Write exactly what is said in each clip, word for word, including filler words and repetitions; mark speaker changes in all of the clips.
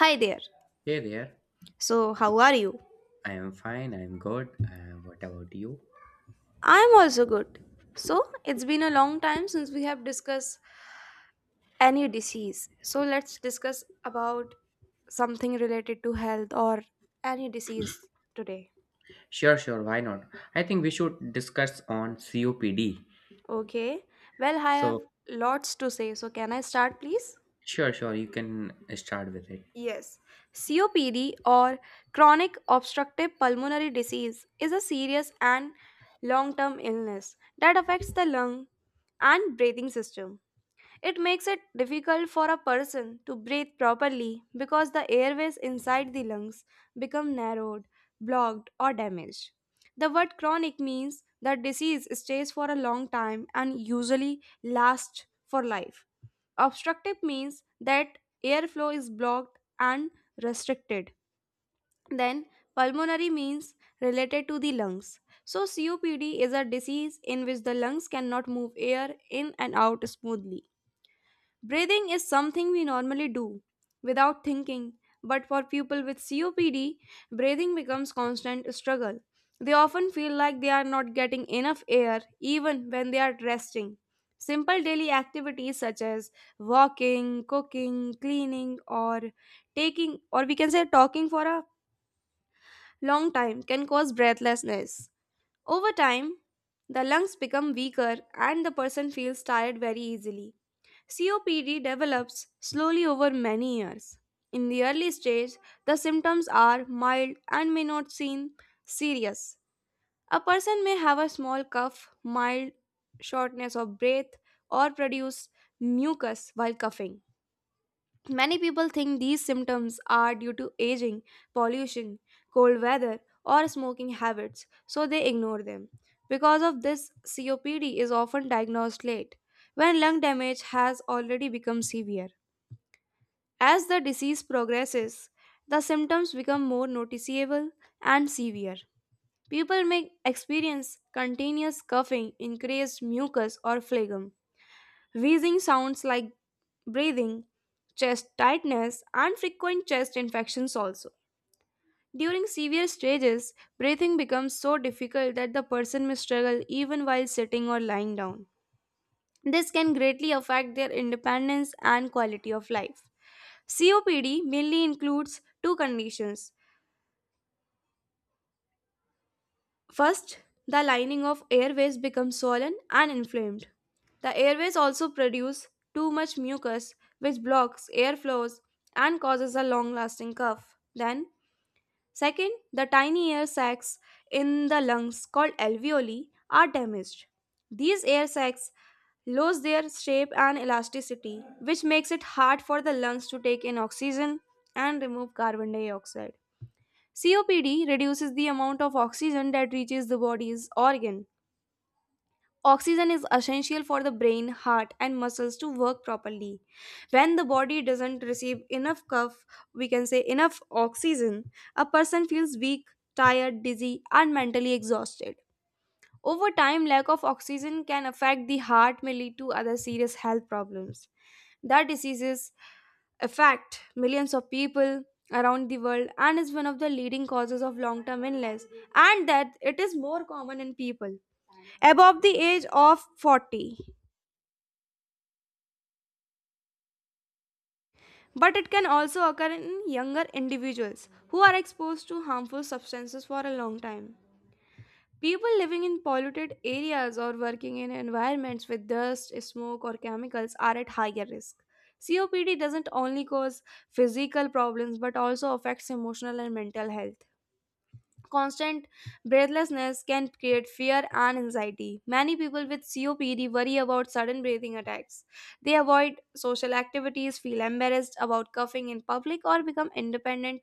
Speaker 1: Hi there.
Speaker 2: Hey there.
Speaker 1: So, how are you?
Speaker 2: I am fine. I am good. Uh, what about you?
Speaker 1: I'm also good. So, it's been a long time since we have discussed any disease. So, let's discuss about something related to health or any disease today.
Speaker 2: Sure, sure. Why not? I think we should discuss on C O P D.
Speaker 1: Okay. Well, I have
Speaker 2: So,
Speaker 1: lots to say. So, can I start, please?
Speaker 2: sure, sure. You can start with it.
Speaker 1: Yes. C O P D or chronic obstructive pulmonary disease is a serious and long term illness that affects the lung and breathing system. It makes it difficult for a person to breathe properly because the airways inside the lungs become narrowed, blocked, or damaged. The word chronic means that disease stays for a long time and usually lasts for life. Obstructive means that airflow is blocked and restricted. Then, pulmonary means related to the lungs. So, C O P D is a disease in which the lungs cannot move air in and out smoothly. Breathing is something we normally do without thinking, but for people with C O P D, breathing becomes constant struggle. They often feel like they are not getting enough air even when they are resting. Simple daily activities such as walking, cooking, cleaning or taking or we can say talking for a long time can cause breathlessness. Over time, the lungs become weaker and the person feels tired very easily. C O P D develops slowly over many years. In the early stage, the symptoms are mild and may not seem serious. A person may have a small cough, mild shortness of breath, or produce mucus while coughing. Many people think these symptoms are due to aging, pollution, cold weather, or smoking habits, so they ignore them. Because of this, C O P D is often diagnosed late, when lung damage has already become severe. As the disease progresses, the symptoms become more noticeable and severe. People may experience continuous coughing, increased mucus, or phlegm, wheezing sounds like breathing, chest tightness, and frequent chest infections also. During severe stages, breathing becomes so difficult that the person may struggle even while sitting or lying down. This can greatly affect their independence and quality of life. C O P D mainly includes two conditions. First, the lining of airways becomes swollen and inflamed. The airways also produce too much mucus, which blocks airflows and causes a long lasting cough. Then, second, the tiny air sacs in the lungs called alveoli are damaged. These air sacs lose their shape and elasticity, which makes it hard for the lungs to take in oxygen and remove carbon dioxide. C O P D reduces the amount of oxygen that reaches the body's organ. Oxygen is essential for the brain, heart, and muscles to work properly. When the body doesn't receive enough cuff, we can say enough oxygen, a person feels weak, tired, dizzy, and mentally exhausted. Over time, lack of oxygen can affect the heart may lead to other serious health problems. The diseases affect millions of people around the world and is one of the leading causes of long term illness, and that it is more common in people above the age of forty, but it can also occur in younger individuals who are exposed to harmful substances for a long time. People living in polluted areas or working in environments with dust, smoke or chemicals are at higher risk. C O P D doesn't only cause physical problems but also affects emotional and mental health. Constant breathlessness can create fear and anxiety. Many people with C O P D worry about sudden breathing attacks. They avoid social activities, feel embarrassed about coughing in public, or become independent,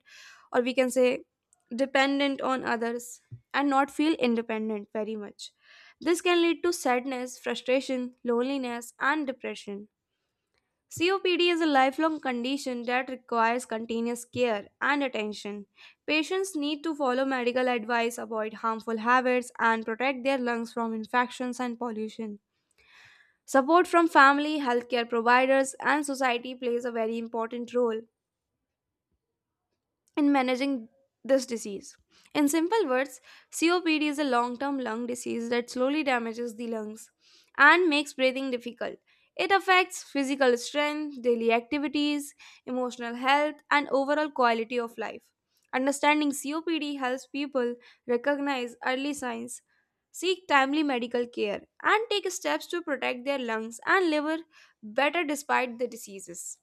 Speaker 1: or we can say dependent on others, and not feel independent very much. This can lead to sadness, frustration, loneliness, and depression. C O P D is a lifelong condition that requires continuous care and attention. Patients need to follow medical advice, avoid harmful habits, and protect their lungs from infections and pollution. Support from family, healthcare providers, and society plays a very important role in managing this disease. In simple words, C O P D is a long term lung disease that slowly damages the lungs and makes breathing difficult. It affects physical strength, daily activities, emotional health, and overall quality of life. Understanding C O P D helps people recognize early signs, seek timely medical care, and take steps to protect their lungs and liver better despite the diseases.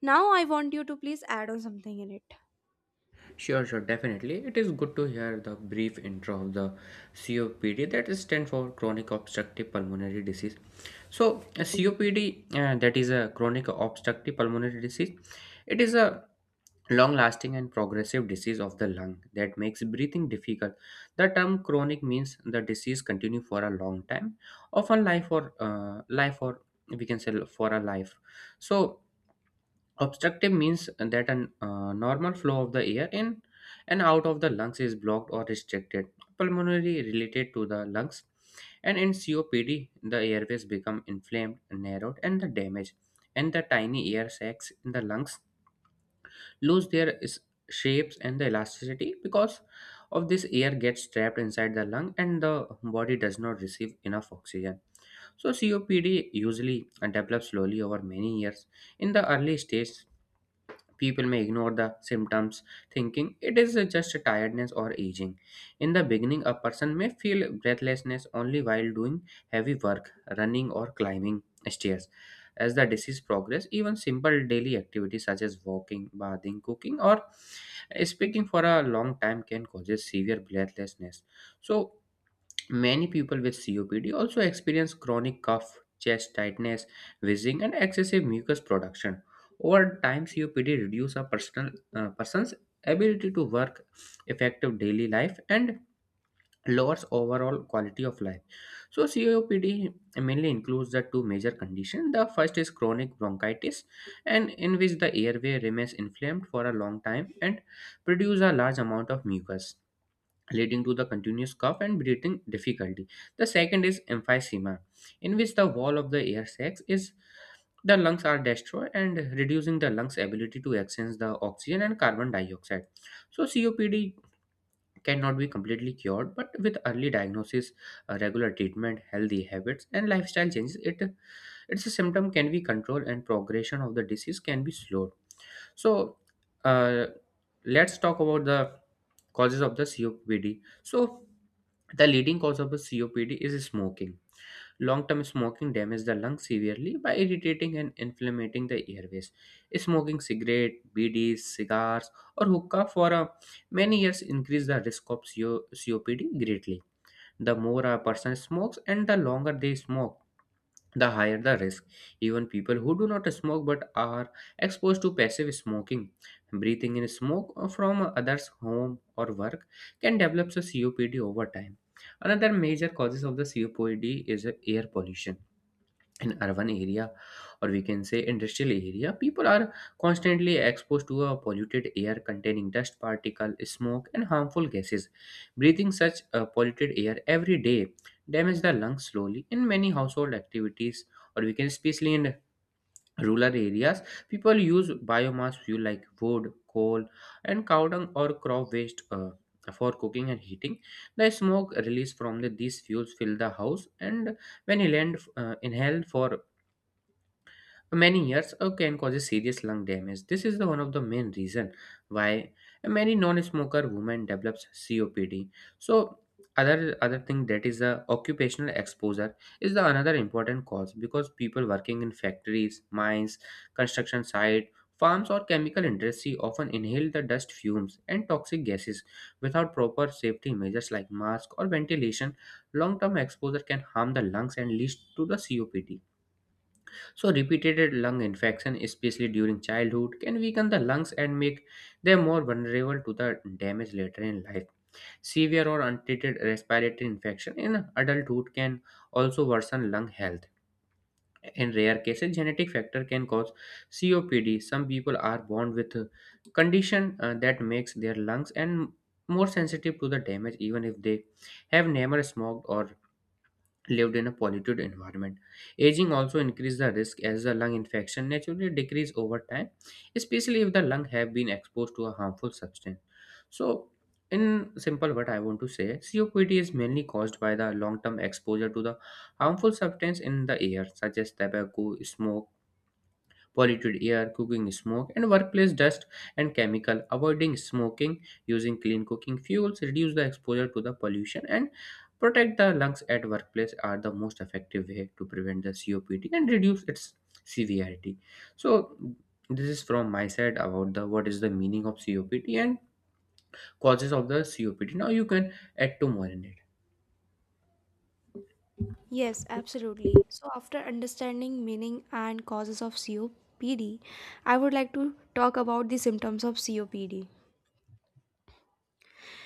Speaker 1: Now, I want you to please add on something in it.
Speaker 2: Sure, sure, definitely. It is good to hear the brief intro of the C O P D that is stand for chronic obstructive pulmonary disease. So, a C O P D uh, that is a chronic obstructive pulmonary disease. It is a long lasting and progressive disease of the lung that makes breathing difficult. The term chronic means the disease continue for a long time, often life or uh, life or we can say for a life. So obstructive means that a uh, normal flow of the air in and out of the lungs is blocked or restricted. Pulmonary related to the lungs, and in C O P D, the airways become inflamed, narrowed, and the damaged, and the tiny air sacs in the lungs lose their s- shapes and the elasticity because of this air gets trapped inside the lung and the body does not receive enough oxygen. So C O P D usually uh, develops slowly over many years in the early stage. People may ignore the symptoms, thinking it is just tiredness or aging. In the beginning, a person may feel breathlessness only while doing heavy work, running, or climbing stairs. As the disease progresses, even simple daily activities such as walking, bathing, cooking, or speaking for a long time can cause severe breathlessness. So, many people with C O P D also experience chronic cough, chest tightness, wheezing, and excessive mucus production. Over time, C O P D reduces a personal, uh, person's ability to work effective daily life and lowers overall quality of life. So, C O P D mainly includes the two major conditions. The first is chronic bronchitis, and in which the airway remains inflamed for a long time and produce a large amount of mucus leading to the continuous cough and breathing difficulty. The second is emphysema, in which the wall of the air sacs is the lungs are destroyed and reducing the lungs ability to exchange the oxygen and carbon dioxide. So COPD cannot be completely cured, but with early diagnosis, uh, regular treatment, healthy habits and lifestyle changes, it its symptom can be controlled and progression of the disease can be slowed. So uh, let's talk about the causes of the C O P D. So the leading cause of the C O P D is smoking. Long-term smoking damages the lungs severely by irritating and inflammating the airways. Smoking cigarette, B Ds, cigars, or hookah for uh, many years increase the risk of C O P D greatly. The more a person smokes and the longer they smoke, the higher the risk. Even people who do not smoke but are exposed to passive smoking, breathing in smoke from others' home or work, can develop a C O P D over time. Another major causes of the C O P D is air pollution. In urban area or we can say industrial area, people are constantly exposed to a polluted air containing dust particle, smoke and harmful gases. Breathing such uh, polluted air every day damage the lungs slowly. In many household activities, or we can especially in rural areas, people use biomass fuel like wood, coal and cow dung or crop waste uh, for cooking and heating. The smoke released from the, these fuels fill the house, and when inhaled, uh, inhaled for many years uh, can cause serious lung damage. This is the one of the main reason why many non-smoker women develops C O P D. So other other thing, that is the occupational exposure, is the another important cause because people working in factories, mines, construction site, farms or chemical industry often inhale the dust, fumes and toxic gases without proper safety measures like mask or ventilation. Long-term exposure can harm the lungs and lead to the C O P D. So, repeated lung infection, especially during childhood, can weaken the lungs and make them more vulnerable to the damage later in life. Severe or untreated respiratory infection in adulthood can also worsen lung health. In rare cases, genetic factor can cause C O P D. Some people are born with a condition uh, that makes their lungs and more sensitive to the damage, even if they have never smoked or lived in a polluted environment. Aging also increases the risk as the lung infection naturally decrease over time, especially if the lung have been exposed to a harmful substance. So, in simple what I want to say, C O P D is mainly caused by the long-term exposure to the harmful substance in the air, such as tobacco, smoke, polluted air, cooking smoke, and workplace dust and chemical. Avoiding smoking, using clean cooking fuels, reduce the exposure to the pollution, and protect the lungs at workplace are the most effective way to prevent the C O P D and reduce its severity. So this is from my side about the what is the meaning of C O P D and causes of the C O P D. Now you can add two more in it.
Speaker 1: Yes, absolutely. So, after understanding meaning and causes of C O P D, I would like to talk about the symptoms of C O P D.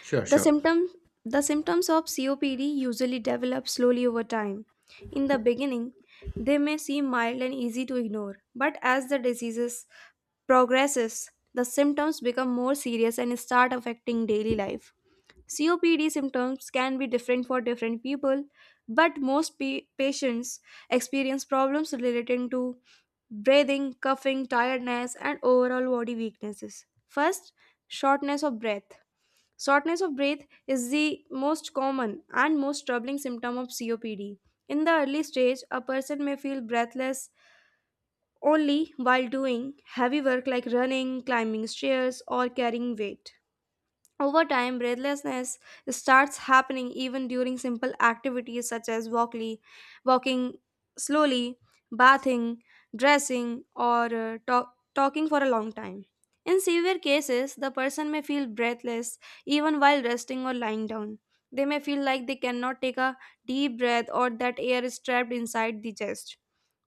Speaker 2: Sure,
Speaker 1: The
Speaker 2: sure.
Speaker 1: symptom, the symptoms of C O P D usually develop slowly over time. In the beginning, they may seem mild and easy to ignore, but as the disease progresses, the symptoms become more serious and start affecting daily life. C O P D symptoms can be different for different people, but most pa- patients experience problems relating to breathing, coughing, tiredness, and overall body weaknesses. First, shortness of breath. Shortness of breath is the most common and most troubling symptom of C O P D. In the early stage, a person may feel breathless only while doing heavy work like running, climbing stairs, or carrying weight. Over time, breathlessness starts happening even during simple activities such as walkly, walking slowly, bathing, dressing, or uh, talk, talking for a long time. In severe cases, the person may feel breathless even while resting or lying down. They may feel like they cannot take a deep breath or that air is trapped inside the chest.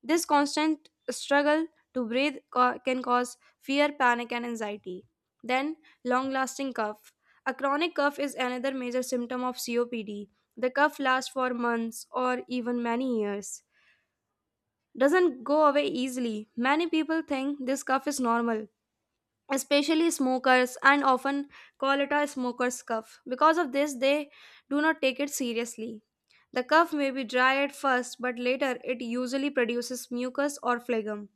Speaker 1: This constant struggle to breathe ca- can cause fear, panic, and anxiety. Then, long lasting cough. A chronic cough is another major symptom of C O P D. The cough lasts for months or even many years. Doesn't go away easily. Many people think this cough is normal, especially smokers, and often call it a smoker's cough. Because of this, they do not take it seriously. The cough may be dry at first, but later it usually produces mucus or phlegm.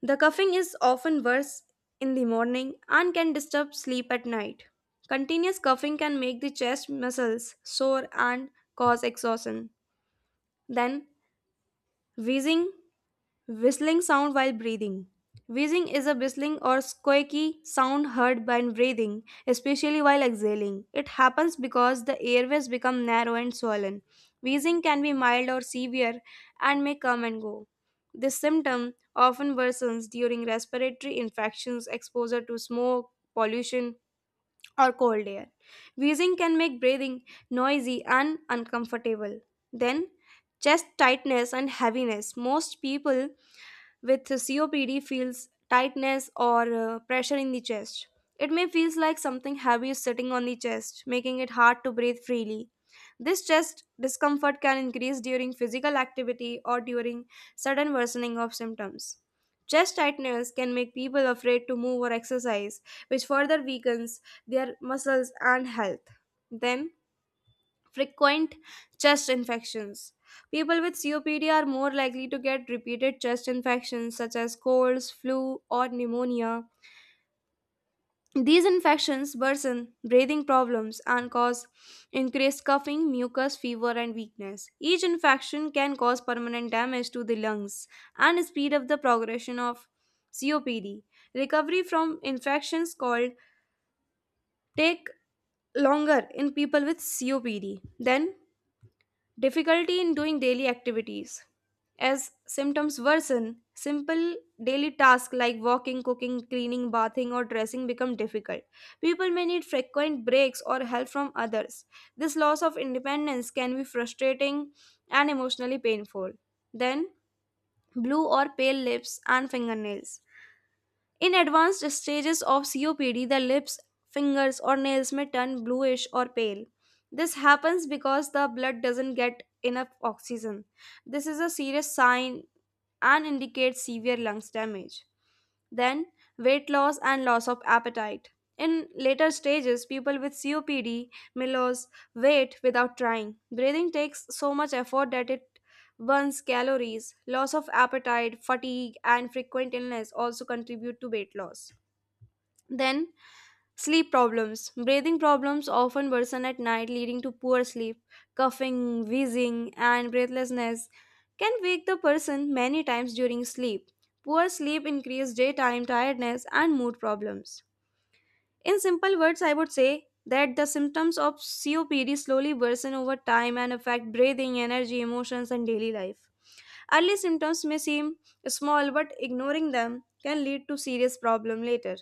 Speaker 1: The coughing is often worse in the morning and can disturb sleep at night. Continuous coughing can make the chest muscles sore and cause exhaustion. Then, wheezing, whistling sound while breathing. Wheezing is a whistling or squeaky sound heard when breathing, especially while exhaling. It happens because the airways become narrow and swollen. Wheezing can be mild or severe and may come and go. This symptom often worsens during respiratory infections, exposure to smoke, pollution, or cold air. Wheezing can make breathing noisy and uncomfortable. Then, chest tightness and heaviness. Most people with C O P D feels tightness or uh, pressure in the chest. It may feel like something heavy is sitting on the chest, making it hard to breathe freely. This chest discomfort can increase during physical activity or during sudden worsening of symptoms. Chest tightness can make people afraid to move or exercise, which further weakens their muscles and health. Then, frequent chest infections. People with C O P D are more likely to get repeated chest infections such as colds, flu, or pneumonia. These infections worsen breathing problems and cause increased coughing, mucus, fever, and weakness. Each infection can cause permanent damage to the lungs and speed up the progression of C O P D. Recovery from infections called take longer in people with C O P D than difficulty in doing daily activities. As symptoms worsen, simple daily tasks like walking, cooking, cleaning, bathing, or dressing become difficult. People may need frequent breaks or help from others. This loss of independence can be frustrating and emotionally painful. Then, blue or pale lips and fingernails. In advanced stages of C O P D, the lips, fingers, or nails may turn bluish or pale. This happens because the blood doesn't get enough oxygen. This is a serious sign and indicates severe lungs damage. Then, weight loss and loss of appetite. In later stages, people with C O P D may lose weight without trying. Breathing takes so much effort that it one's calories, loss of appetite, fatigue, and frequent illness also contribute to weight loss. Then, sleep problems. Breathing problems often worsen at night, leading to poor sleep. Coughing, wheezing, and breathlessness can wake the person many times during sleep. Poor sleep increases daytime tiredness and mood problems. In simple words, I would say that the symptoms of C O P D slowly worsen over time and affect breathing, energy, emotions, and daily life. Early symptoms may seem small, but ignoring them can lead to serious problems later.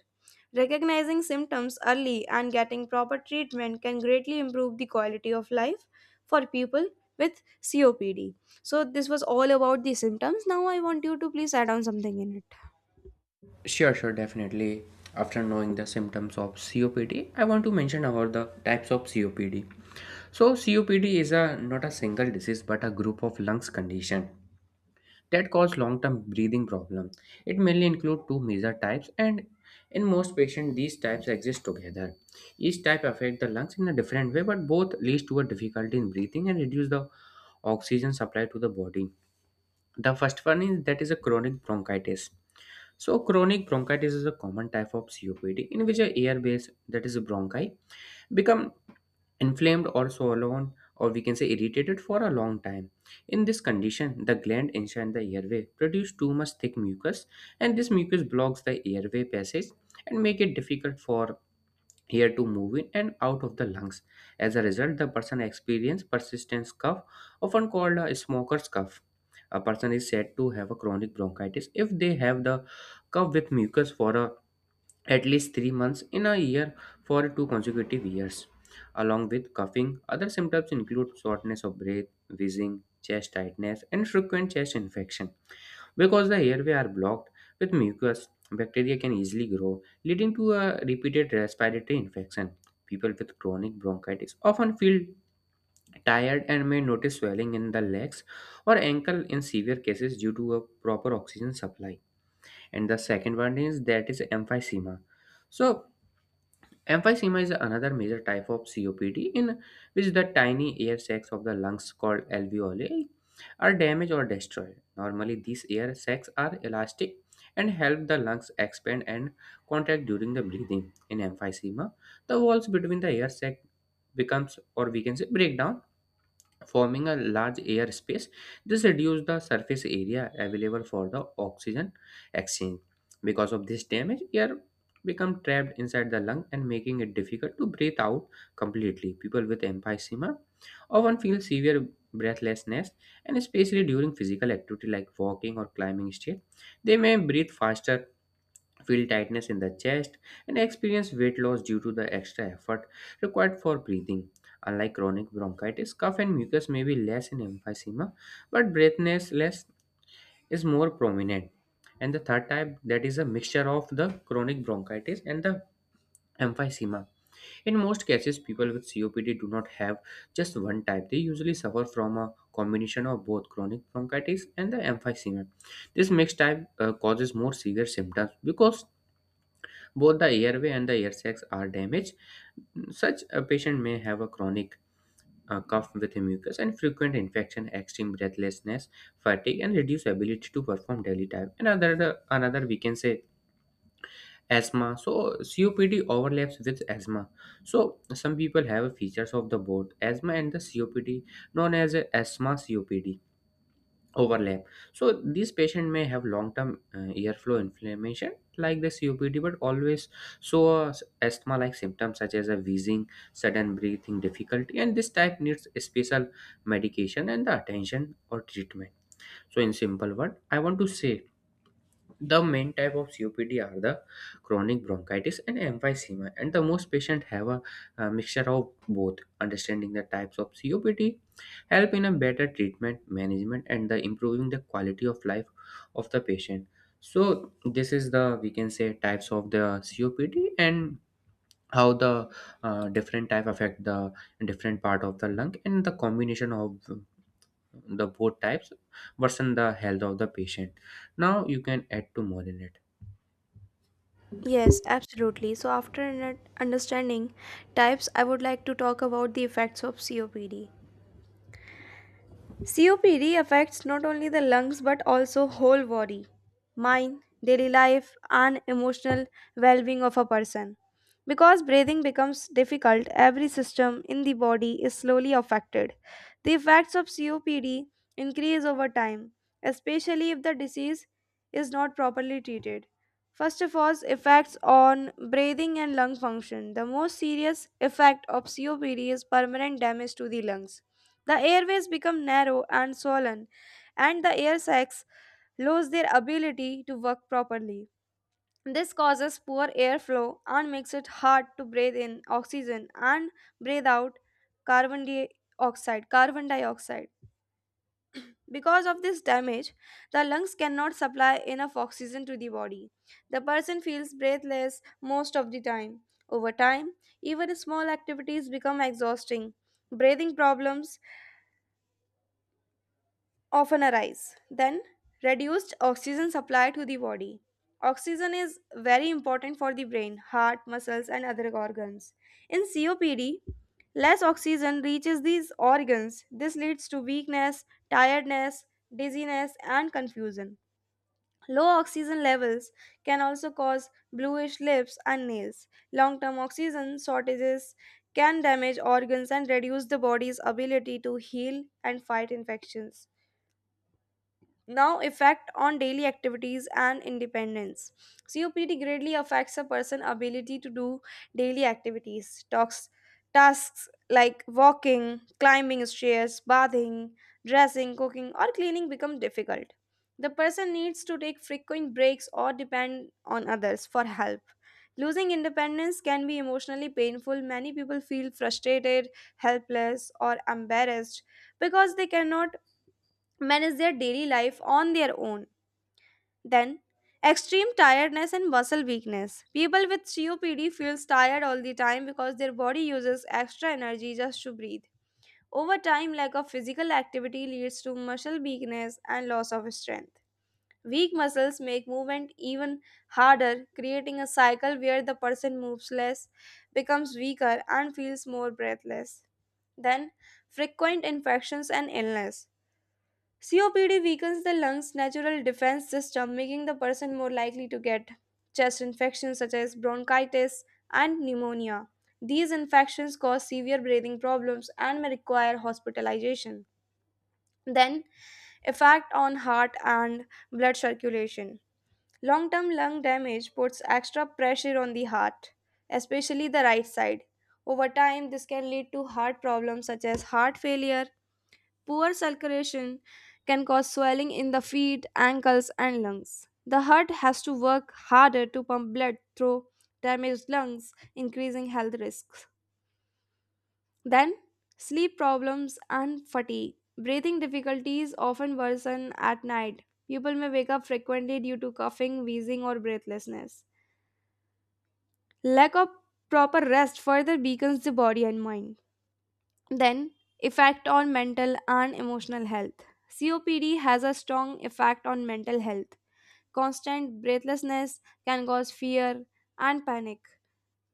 Speaker 1: Recognizing symptoms early and getting proper treatment can greatly improve the quality of life for people with C O P D. So, this was all about the symptoms. Now, I want you to please add on something in it.
Speaker 2: Sure, sure, definitely. After knowing the symptoms of C O P D, I want to mention about the types of C O P D. So, C O P D is a not a single disease but a group of lungs condition that cause long-term breathing problem. It mainly include two major types, and in most patients, these types exist together. Each type affect the lungs in a different way, but both leads to a difficulty in breathing and reduce the oxygen supply to the body. The first one is that is a chronic bronchitis. So, chronic bronchitis is a common type of C O P D in which a air base, that is a bronchi, become inflamed or swollen or we can say irritated for a long time. In this condition, the gland inside the airway produce too much thick mucus, and this mucus blocks the airway passage and make it difficult for here to move in and out of the lungs. As a result, the person experiences persistent cough, often called a smoker's cough. A person is said to have a chronic bronchitis if they have the cough with mucus for a, at least three months in a year for two consecutive years. Along with coughing, other symptoms include shortness of breath, wheezing, chest tightness, and frequent chest infection. Because the airway are blocked with mucus, bacteria can easily grow, leading to a repeated respiratory infection. People with chronic bronchitis often feel tired and may notice swelling in the legs or ankle in severe cases due to a proper oxygen supply. And the second one is that is emphysema. So emphysema is another major type of C O P D in which the tiny air sacs of the lungs called alveoli are damaged or destroyed. Normally, these air sacs are elastic and help the lungs expand and contract during the breathing. In emphysema, the walls between the air sac becomes or we can say break down, forming a large air space. This reduces the surface area available for the oxygen exchange. Because of this damage, air become trapped inside the lung and making it difficult to breathe out completely. People with emphysema often feel severe breathlessness, and especially during physical activity like walking or climbing stairs, they may breathe faster, feel tightness in the chest, and experience weight loss due to the extra effort required for breathing. Unlike chronic bronchitis, cough and mucus may be less in emphysema, but breathlessness is more prominent. And the third type, that is a mixture of the chronic bronchitis and the emphysema. In most cases, people with C O P D do not have just one type. They usually suffer from a combination of both chronic bronchitis and the emphysema. This mixed type uh, causes more severe symptoms because both the airway and the air sacs are damaged. Such a patient may have a chronic uh, cough with mucus and frequent infection, extreme breathlessness, fatigue, and reduced ability to perform daily tasks. And Another, another we can say asthma. So C O P D overlaps with asthma. So some people have features of the both asthma and the C O P D, known as asthma C O P D overlap. So this patient may have long-term uh, airflow inflammation like the C O P D, but always show uh, asthma-like symptoms such as a wheezing, sudden breathing difficulty, and this type needs a special medication and the attention or treatment. So in simple word, I want to say the main type of C O P D are the chronic bronchitis and emphysema, and the most patients have a, uh, mixture of both. Understanding the types of C O P D help in a better treatment management and the improving the quality of life of the patient. So this is the we can say types of the C O P D and how the uh, different type affect the different part of the lung and the combination of the both types worsen the health of the patient. Now you can add to more in it.
Speaker 1: Yes, absolutely. So, after an- understanding types, I would like to talk about the effects of C O P D. C O P D affects not only the lungs but also whole body, mind, daily life and emotional well-being of a person. Because breathing becomes difficult, every system in the body is slowly affected. The effects of C O P D increase over time, especially if the disease is not properly treated. First of all, effects on breathing and lung function. The most serious effect of C O P D is permanent damage to the lungs. The airways become narrow and swollen, and the air sacs lose their ability to work properly. This causes poor airflow and makes it hard to breathe in oxygen and breathe out carbon dioxide, carbon dioxide. Because of this damage, the lungs cannot supply enough oxygen to the body. The person feels breathless most of the time. Over time, even small activities become exhausting. Breathing problems often arise. Then, reduced oxygen supply to the body. Oxygen is very important for the brain, heart, muscles, and other organs. In C O P D, less oxygen reaches these organs. This leads to weakness, tiredness, dizziness, and confusion. Low oxygen levels can also cause bluish lips and nails. Long term oxygen shortages can damage organs and reduce the body's ability to heal and fight infections. Now, effect on daily activities and independence. COPD greatly affects a person's ability to do daily activities talks, tasks like walking, climbing stairs, bathing, dressing, cooking, or cleaning become difficult. The person needs to take frequent breaks or depend on others for help. Losing independence can be emotionally painful. Many people feel frustrated, helpless, or embarrassed because they cannot manage their daily life on their own. Then, extreme tiredness and muscle weakness. People with C O P D feels tired all the time because their body uses extra energy just to breathe. Over time, lack of physical activity leads to muscle weakness and loss of strength. Weak muscles make movement even harder, creating a cycle where the person moves less, becomes weaker, and feels more breathless. Then, frequent infections and illness. C O P D weakens the lung's natural defense system, making the person more likely to get chest infections such as bronchitis and pneumonia. These infections cause severe breathing problems and may require hospitalization. Then, effect on heart and blood circulation. Long term lung damage puts extra pressure on the heart, especially the right side. Over time, this can lead to heart problems such as heart failure. Poor circulation can cause swelling in the feet, ankles, and lungs. The heart has to work harder to pump blood through damaged lungs, increasing health risks. Then, sleep problems and fatigue. Breathing difficulties often worsen at night. People may wake up frequently due to coughing, wheezing, or breathlessness. Lack of proper rest further weakens the body and mind. Then, effect on mental and emotional health. C O P D has a strong effect on mental health. Constant breathlessness can cause fear and panic.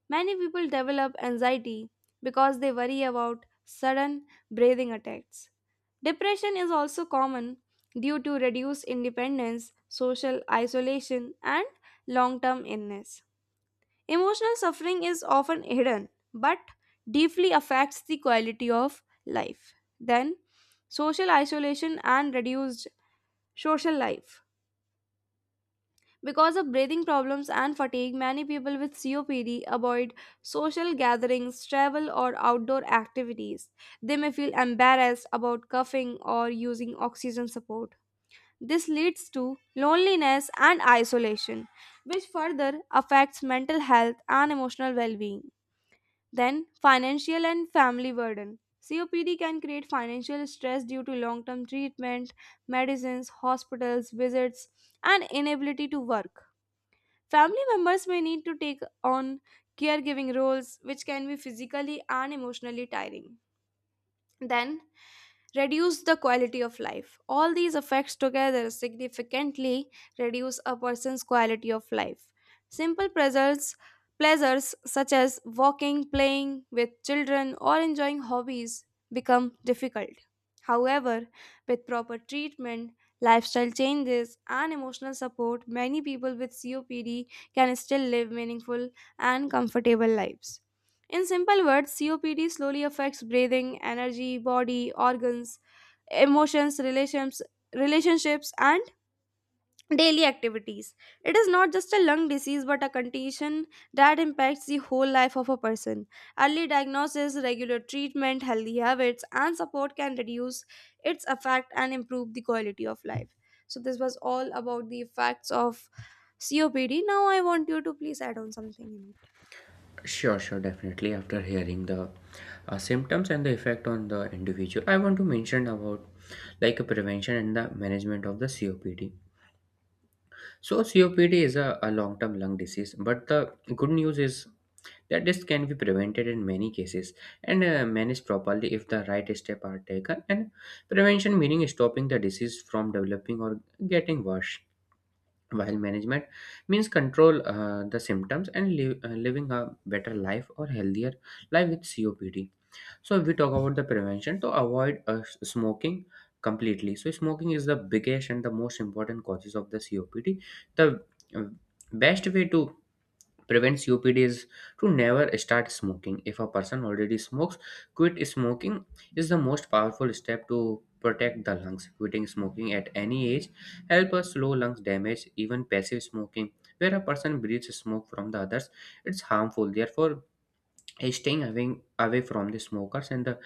Speaker 1: Many people develop anxiety because they worry about sudden breathing attacks. Depression is also common due to reduced independence, social isolation, and long term illness. Emotional suffering is often hidden but deeply affects the quality of life. Then, social isolation and reduced social life. Because of breathing problems and fatigue, many people with C O P D avoid social gatherings, travel, or outdoor activities. They may feel embarrassed about coughing or using oxygen support. This leads to loneliness and isolation, which further affects mental health and emotional well being. Then, financial and family burden. C O P D can create financial stress due to long term treatment, medicines, hospitals, visits, and inability to work. Family members may need to take on caregiving roles, which can be physically and emotionally tiring. Then, reduce the quality of life. All these effects together significantly reduce a person's quality of life. Simple pleasures, pleasures such as walking, playing with children, or enjoying hobbies become difficult. However, with proper treatment, lifestyle changes, and emotional support, many people with C O P D can still live meaningful and comfortable lives. In simple words, C O P D slowly affects breathing, energy, body, organs, emotions, relations, relationships and daily activities. It is not just a lung disease but a condition that impacts the whole life of a person. Early diagnosis, regular treatment, healthy habits and support can reduce its effect and improve the quality of life. So this was all about the effects of C O P D. Now I want you to please add on something in it.
Speaker 2: Sure, sure, definitely. After hearing the uh, symptoms and the effect on the individual, I want to mention about like a prevention and the management of the C O P D. So, C O P D is a, a long term lung disease, but the good news is that this can be prevented in many cases and uh, managed properly if the right steps are taken. And prevention meaning stopping the disease from developing or getting worse, while management means control uh, the symptoms and live, uh, living a better life or healthier life with copd. So if we talk about the prevention, to avoid uh, s- smoking completely. So smoking is the biggest and the most important causes of the copd. The uh, best way to prevents U P Ds to never start smoking. If a person already smokes, quit smoking is the most powerful step to protect the lungs. Quitting smoking at any age help us slow lungs damage, even passive smoking. Where a person breathes smoke from the others, it's harmful. Therefore, staying away, away from the smokers and the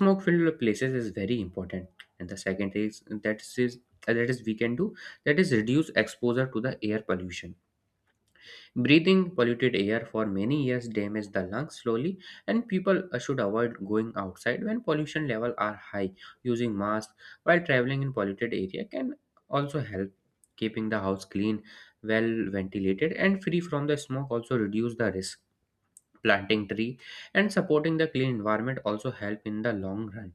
Speaker 2: smoke filled places is very important. And the second is that is that is we can do that is reduce exposure to the air pollution. Breathing polluted air for many years damaged the lungs slowly, and people uh, should avoid going outside when pollution levels are high. Using masks while traveling in polluted area can also help. Keeping the house clean, well ventilated, and free from the smoke. Also reduce the risk. Planting tree and supporting the clean environment also help in the long run.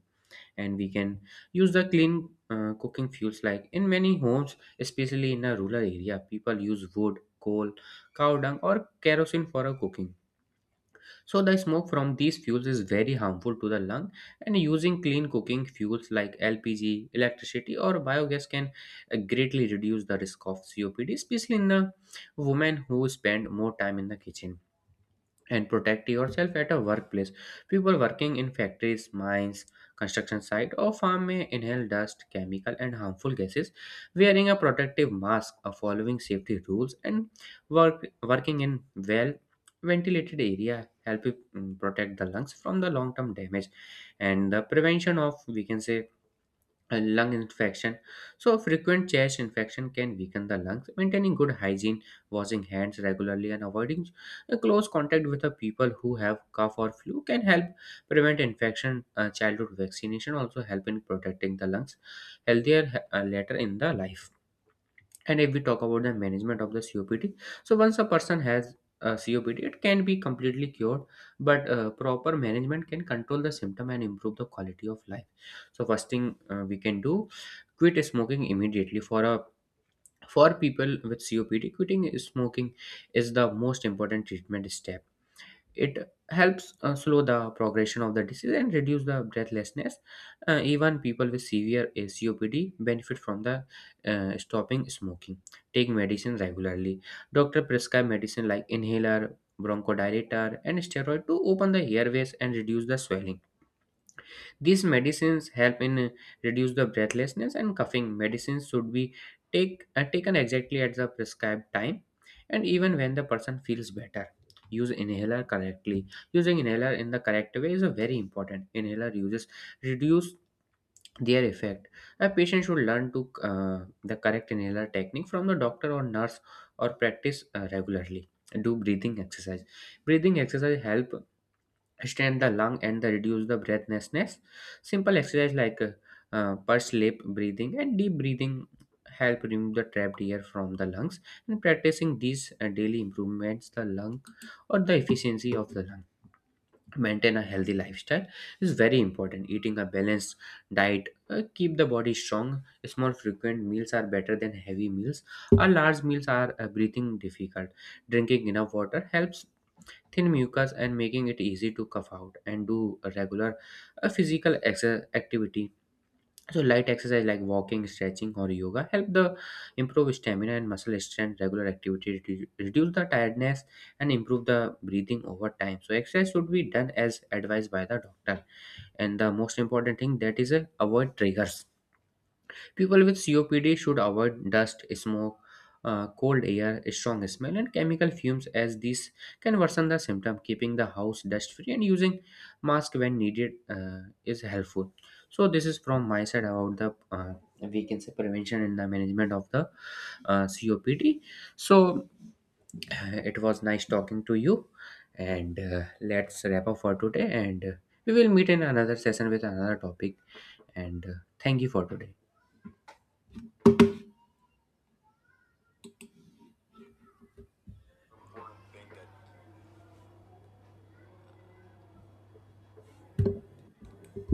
Speaker 2: And we can use the clean uh, cooking fuels. Like in many homes, especially in a rural area, people use wood, coal, cow dung or kerosene for a cooking. So the smoke from these fuels is very harmful to the lung. And using clean cooking fuels like lpg, electricity or biogas can uh, greatly reduce the risk of copd, especially in the women who spend more time in the kitchen. And protect yourself at a workplace. People working in factories, mines, construction site or farm may inhale dust, chemical and harmful gases. Wearing a protective mask, uh, following safety rules and work, working in well ventilated area help it, mm, protect the lungs from the long term damage. And the prevention of, we can say, uh, lung infection. So, frequent chest infection can weaken the lungs. Maintaining good hygiene, washing hands regularly, and avoiding uh, close contact with the people who have cough or flu can help prevent infection. Uh, childhood vaccination also help in protecting the lungs healthier uh, later in the life. And if we talk about the management of the C O P D, so once a person has uh, C O P D, it can be completely cured, but uh, proper management can control the symptom and improve the quality of life. So first thing uh, we can do, quit smoking immediately. For a for people with C O P D, quitting smoking is the most important treatment step. It helps uh, slow the progression of the disease and reduce the breathlessness. Uh, even people with severe uh, copd benefit from the uh, stopping smoking. Take medicine regularly. Doctor prescribe medicine like inhaler, bronchodilator and steroid to open the airways and reduce the swelling. These medicines help in uh, reduce the breathlessness and coughing. Medicines should be take, uh, taken exactly at the prescribed time, and even when the person feels better. Use inhaler correctly. Using inhaler in the correct way is a very important. Inhaler uses reduce their effect. A patient should learn to uh, the correct inhaler technique from the doctor or nurse, or practice uh, regularly. Do breathing exercise. Breathing exercise help strengthen the lung and the reduce the breathlessness. Simple exercise like uh, uh, pulse lip breathing and deep breathing help remove the trapped air from the lungs. And practicing these uh, daily improvements the lung or the efficiency of the lung. Maintain a healthy lifestyle is very important. Eating a balanced diet uh, keep the body strong. Small frequent meals are better than heavy meals. A large meals are uh, breathing difficult. Drinking enough water helps thin mucus and making it easy to cough out. And do a regular uh, physical exer- activity. So light exercise like walking, stretching or yoga help the improve stamina and muscle strength. Regular activity redu- reduce the tiredness and improve the breathing over time. So exercise should be done as advised by the doctor. And the most important thing that is uh, avoid triggers. People with C O P D should avoid dust, smoke, uh, cold air, strong smell, and chemical fumes, as these can worsen the symptom. Keeping the house dust free and using mask when needed uh, is helpful. So this is from my side about the, uh, we can say, prevention and the management of the uh, C O P D. So uh, it was nice talking to you, and uh, let's wrap up for today. And uh, we will meet in another session with another topic. And uh, thank you for today.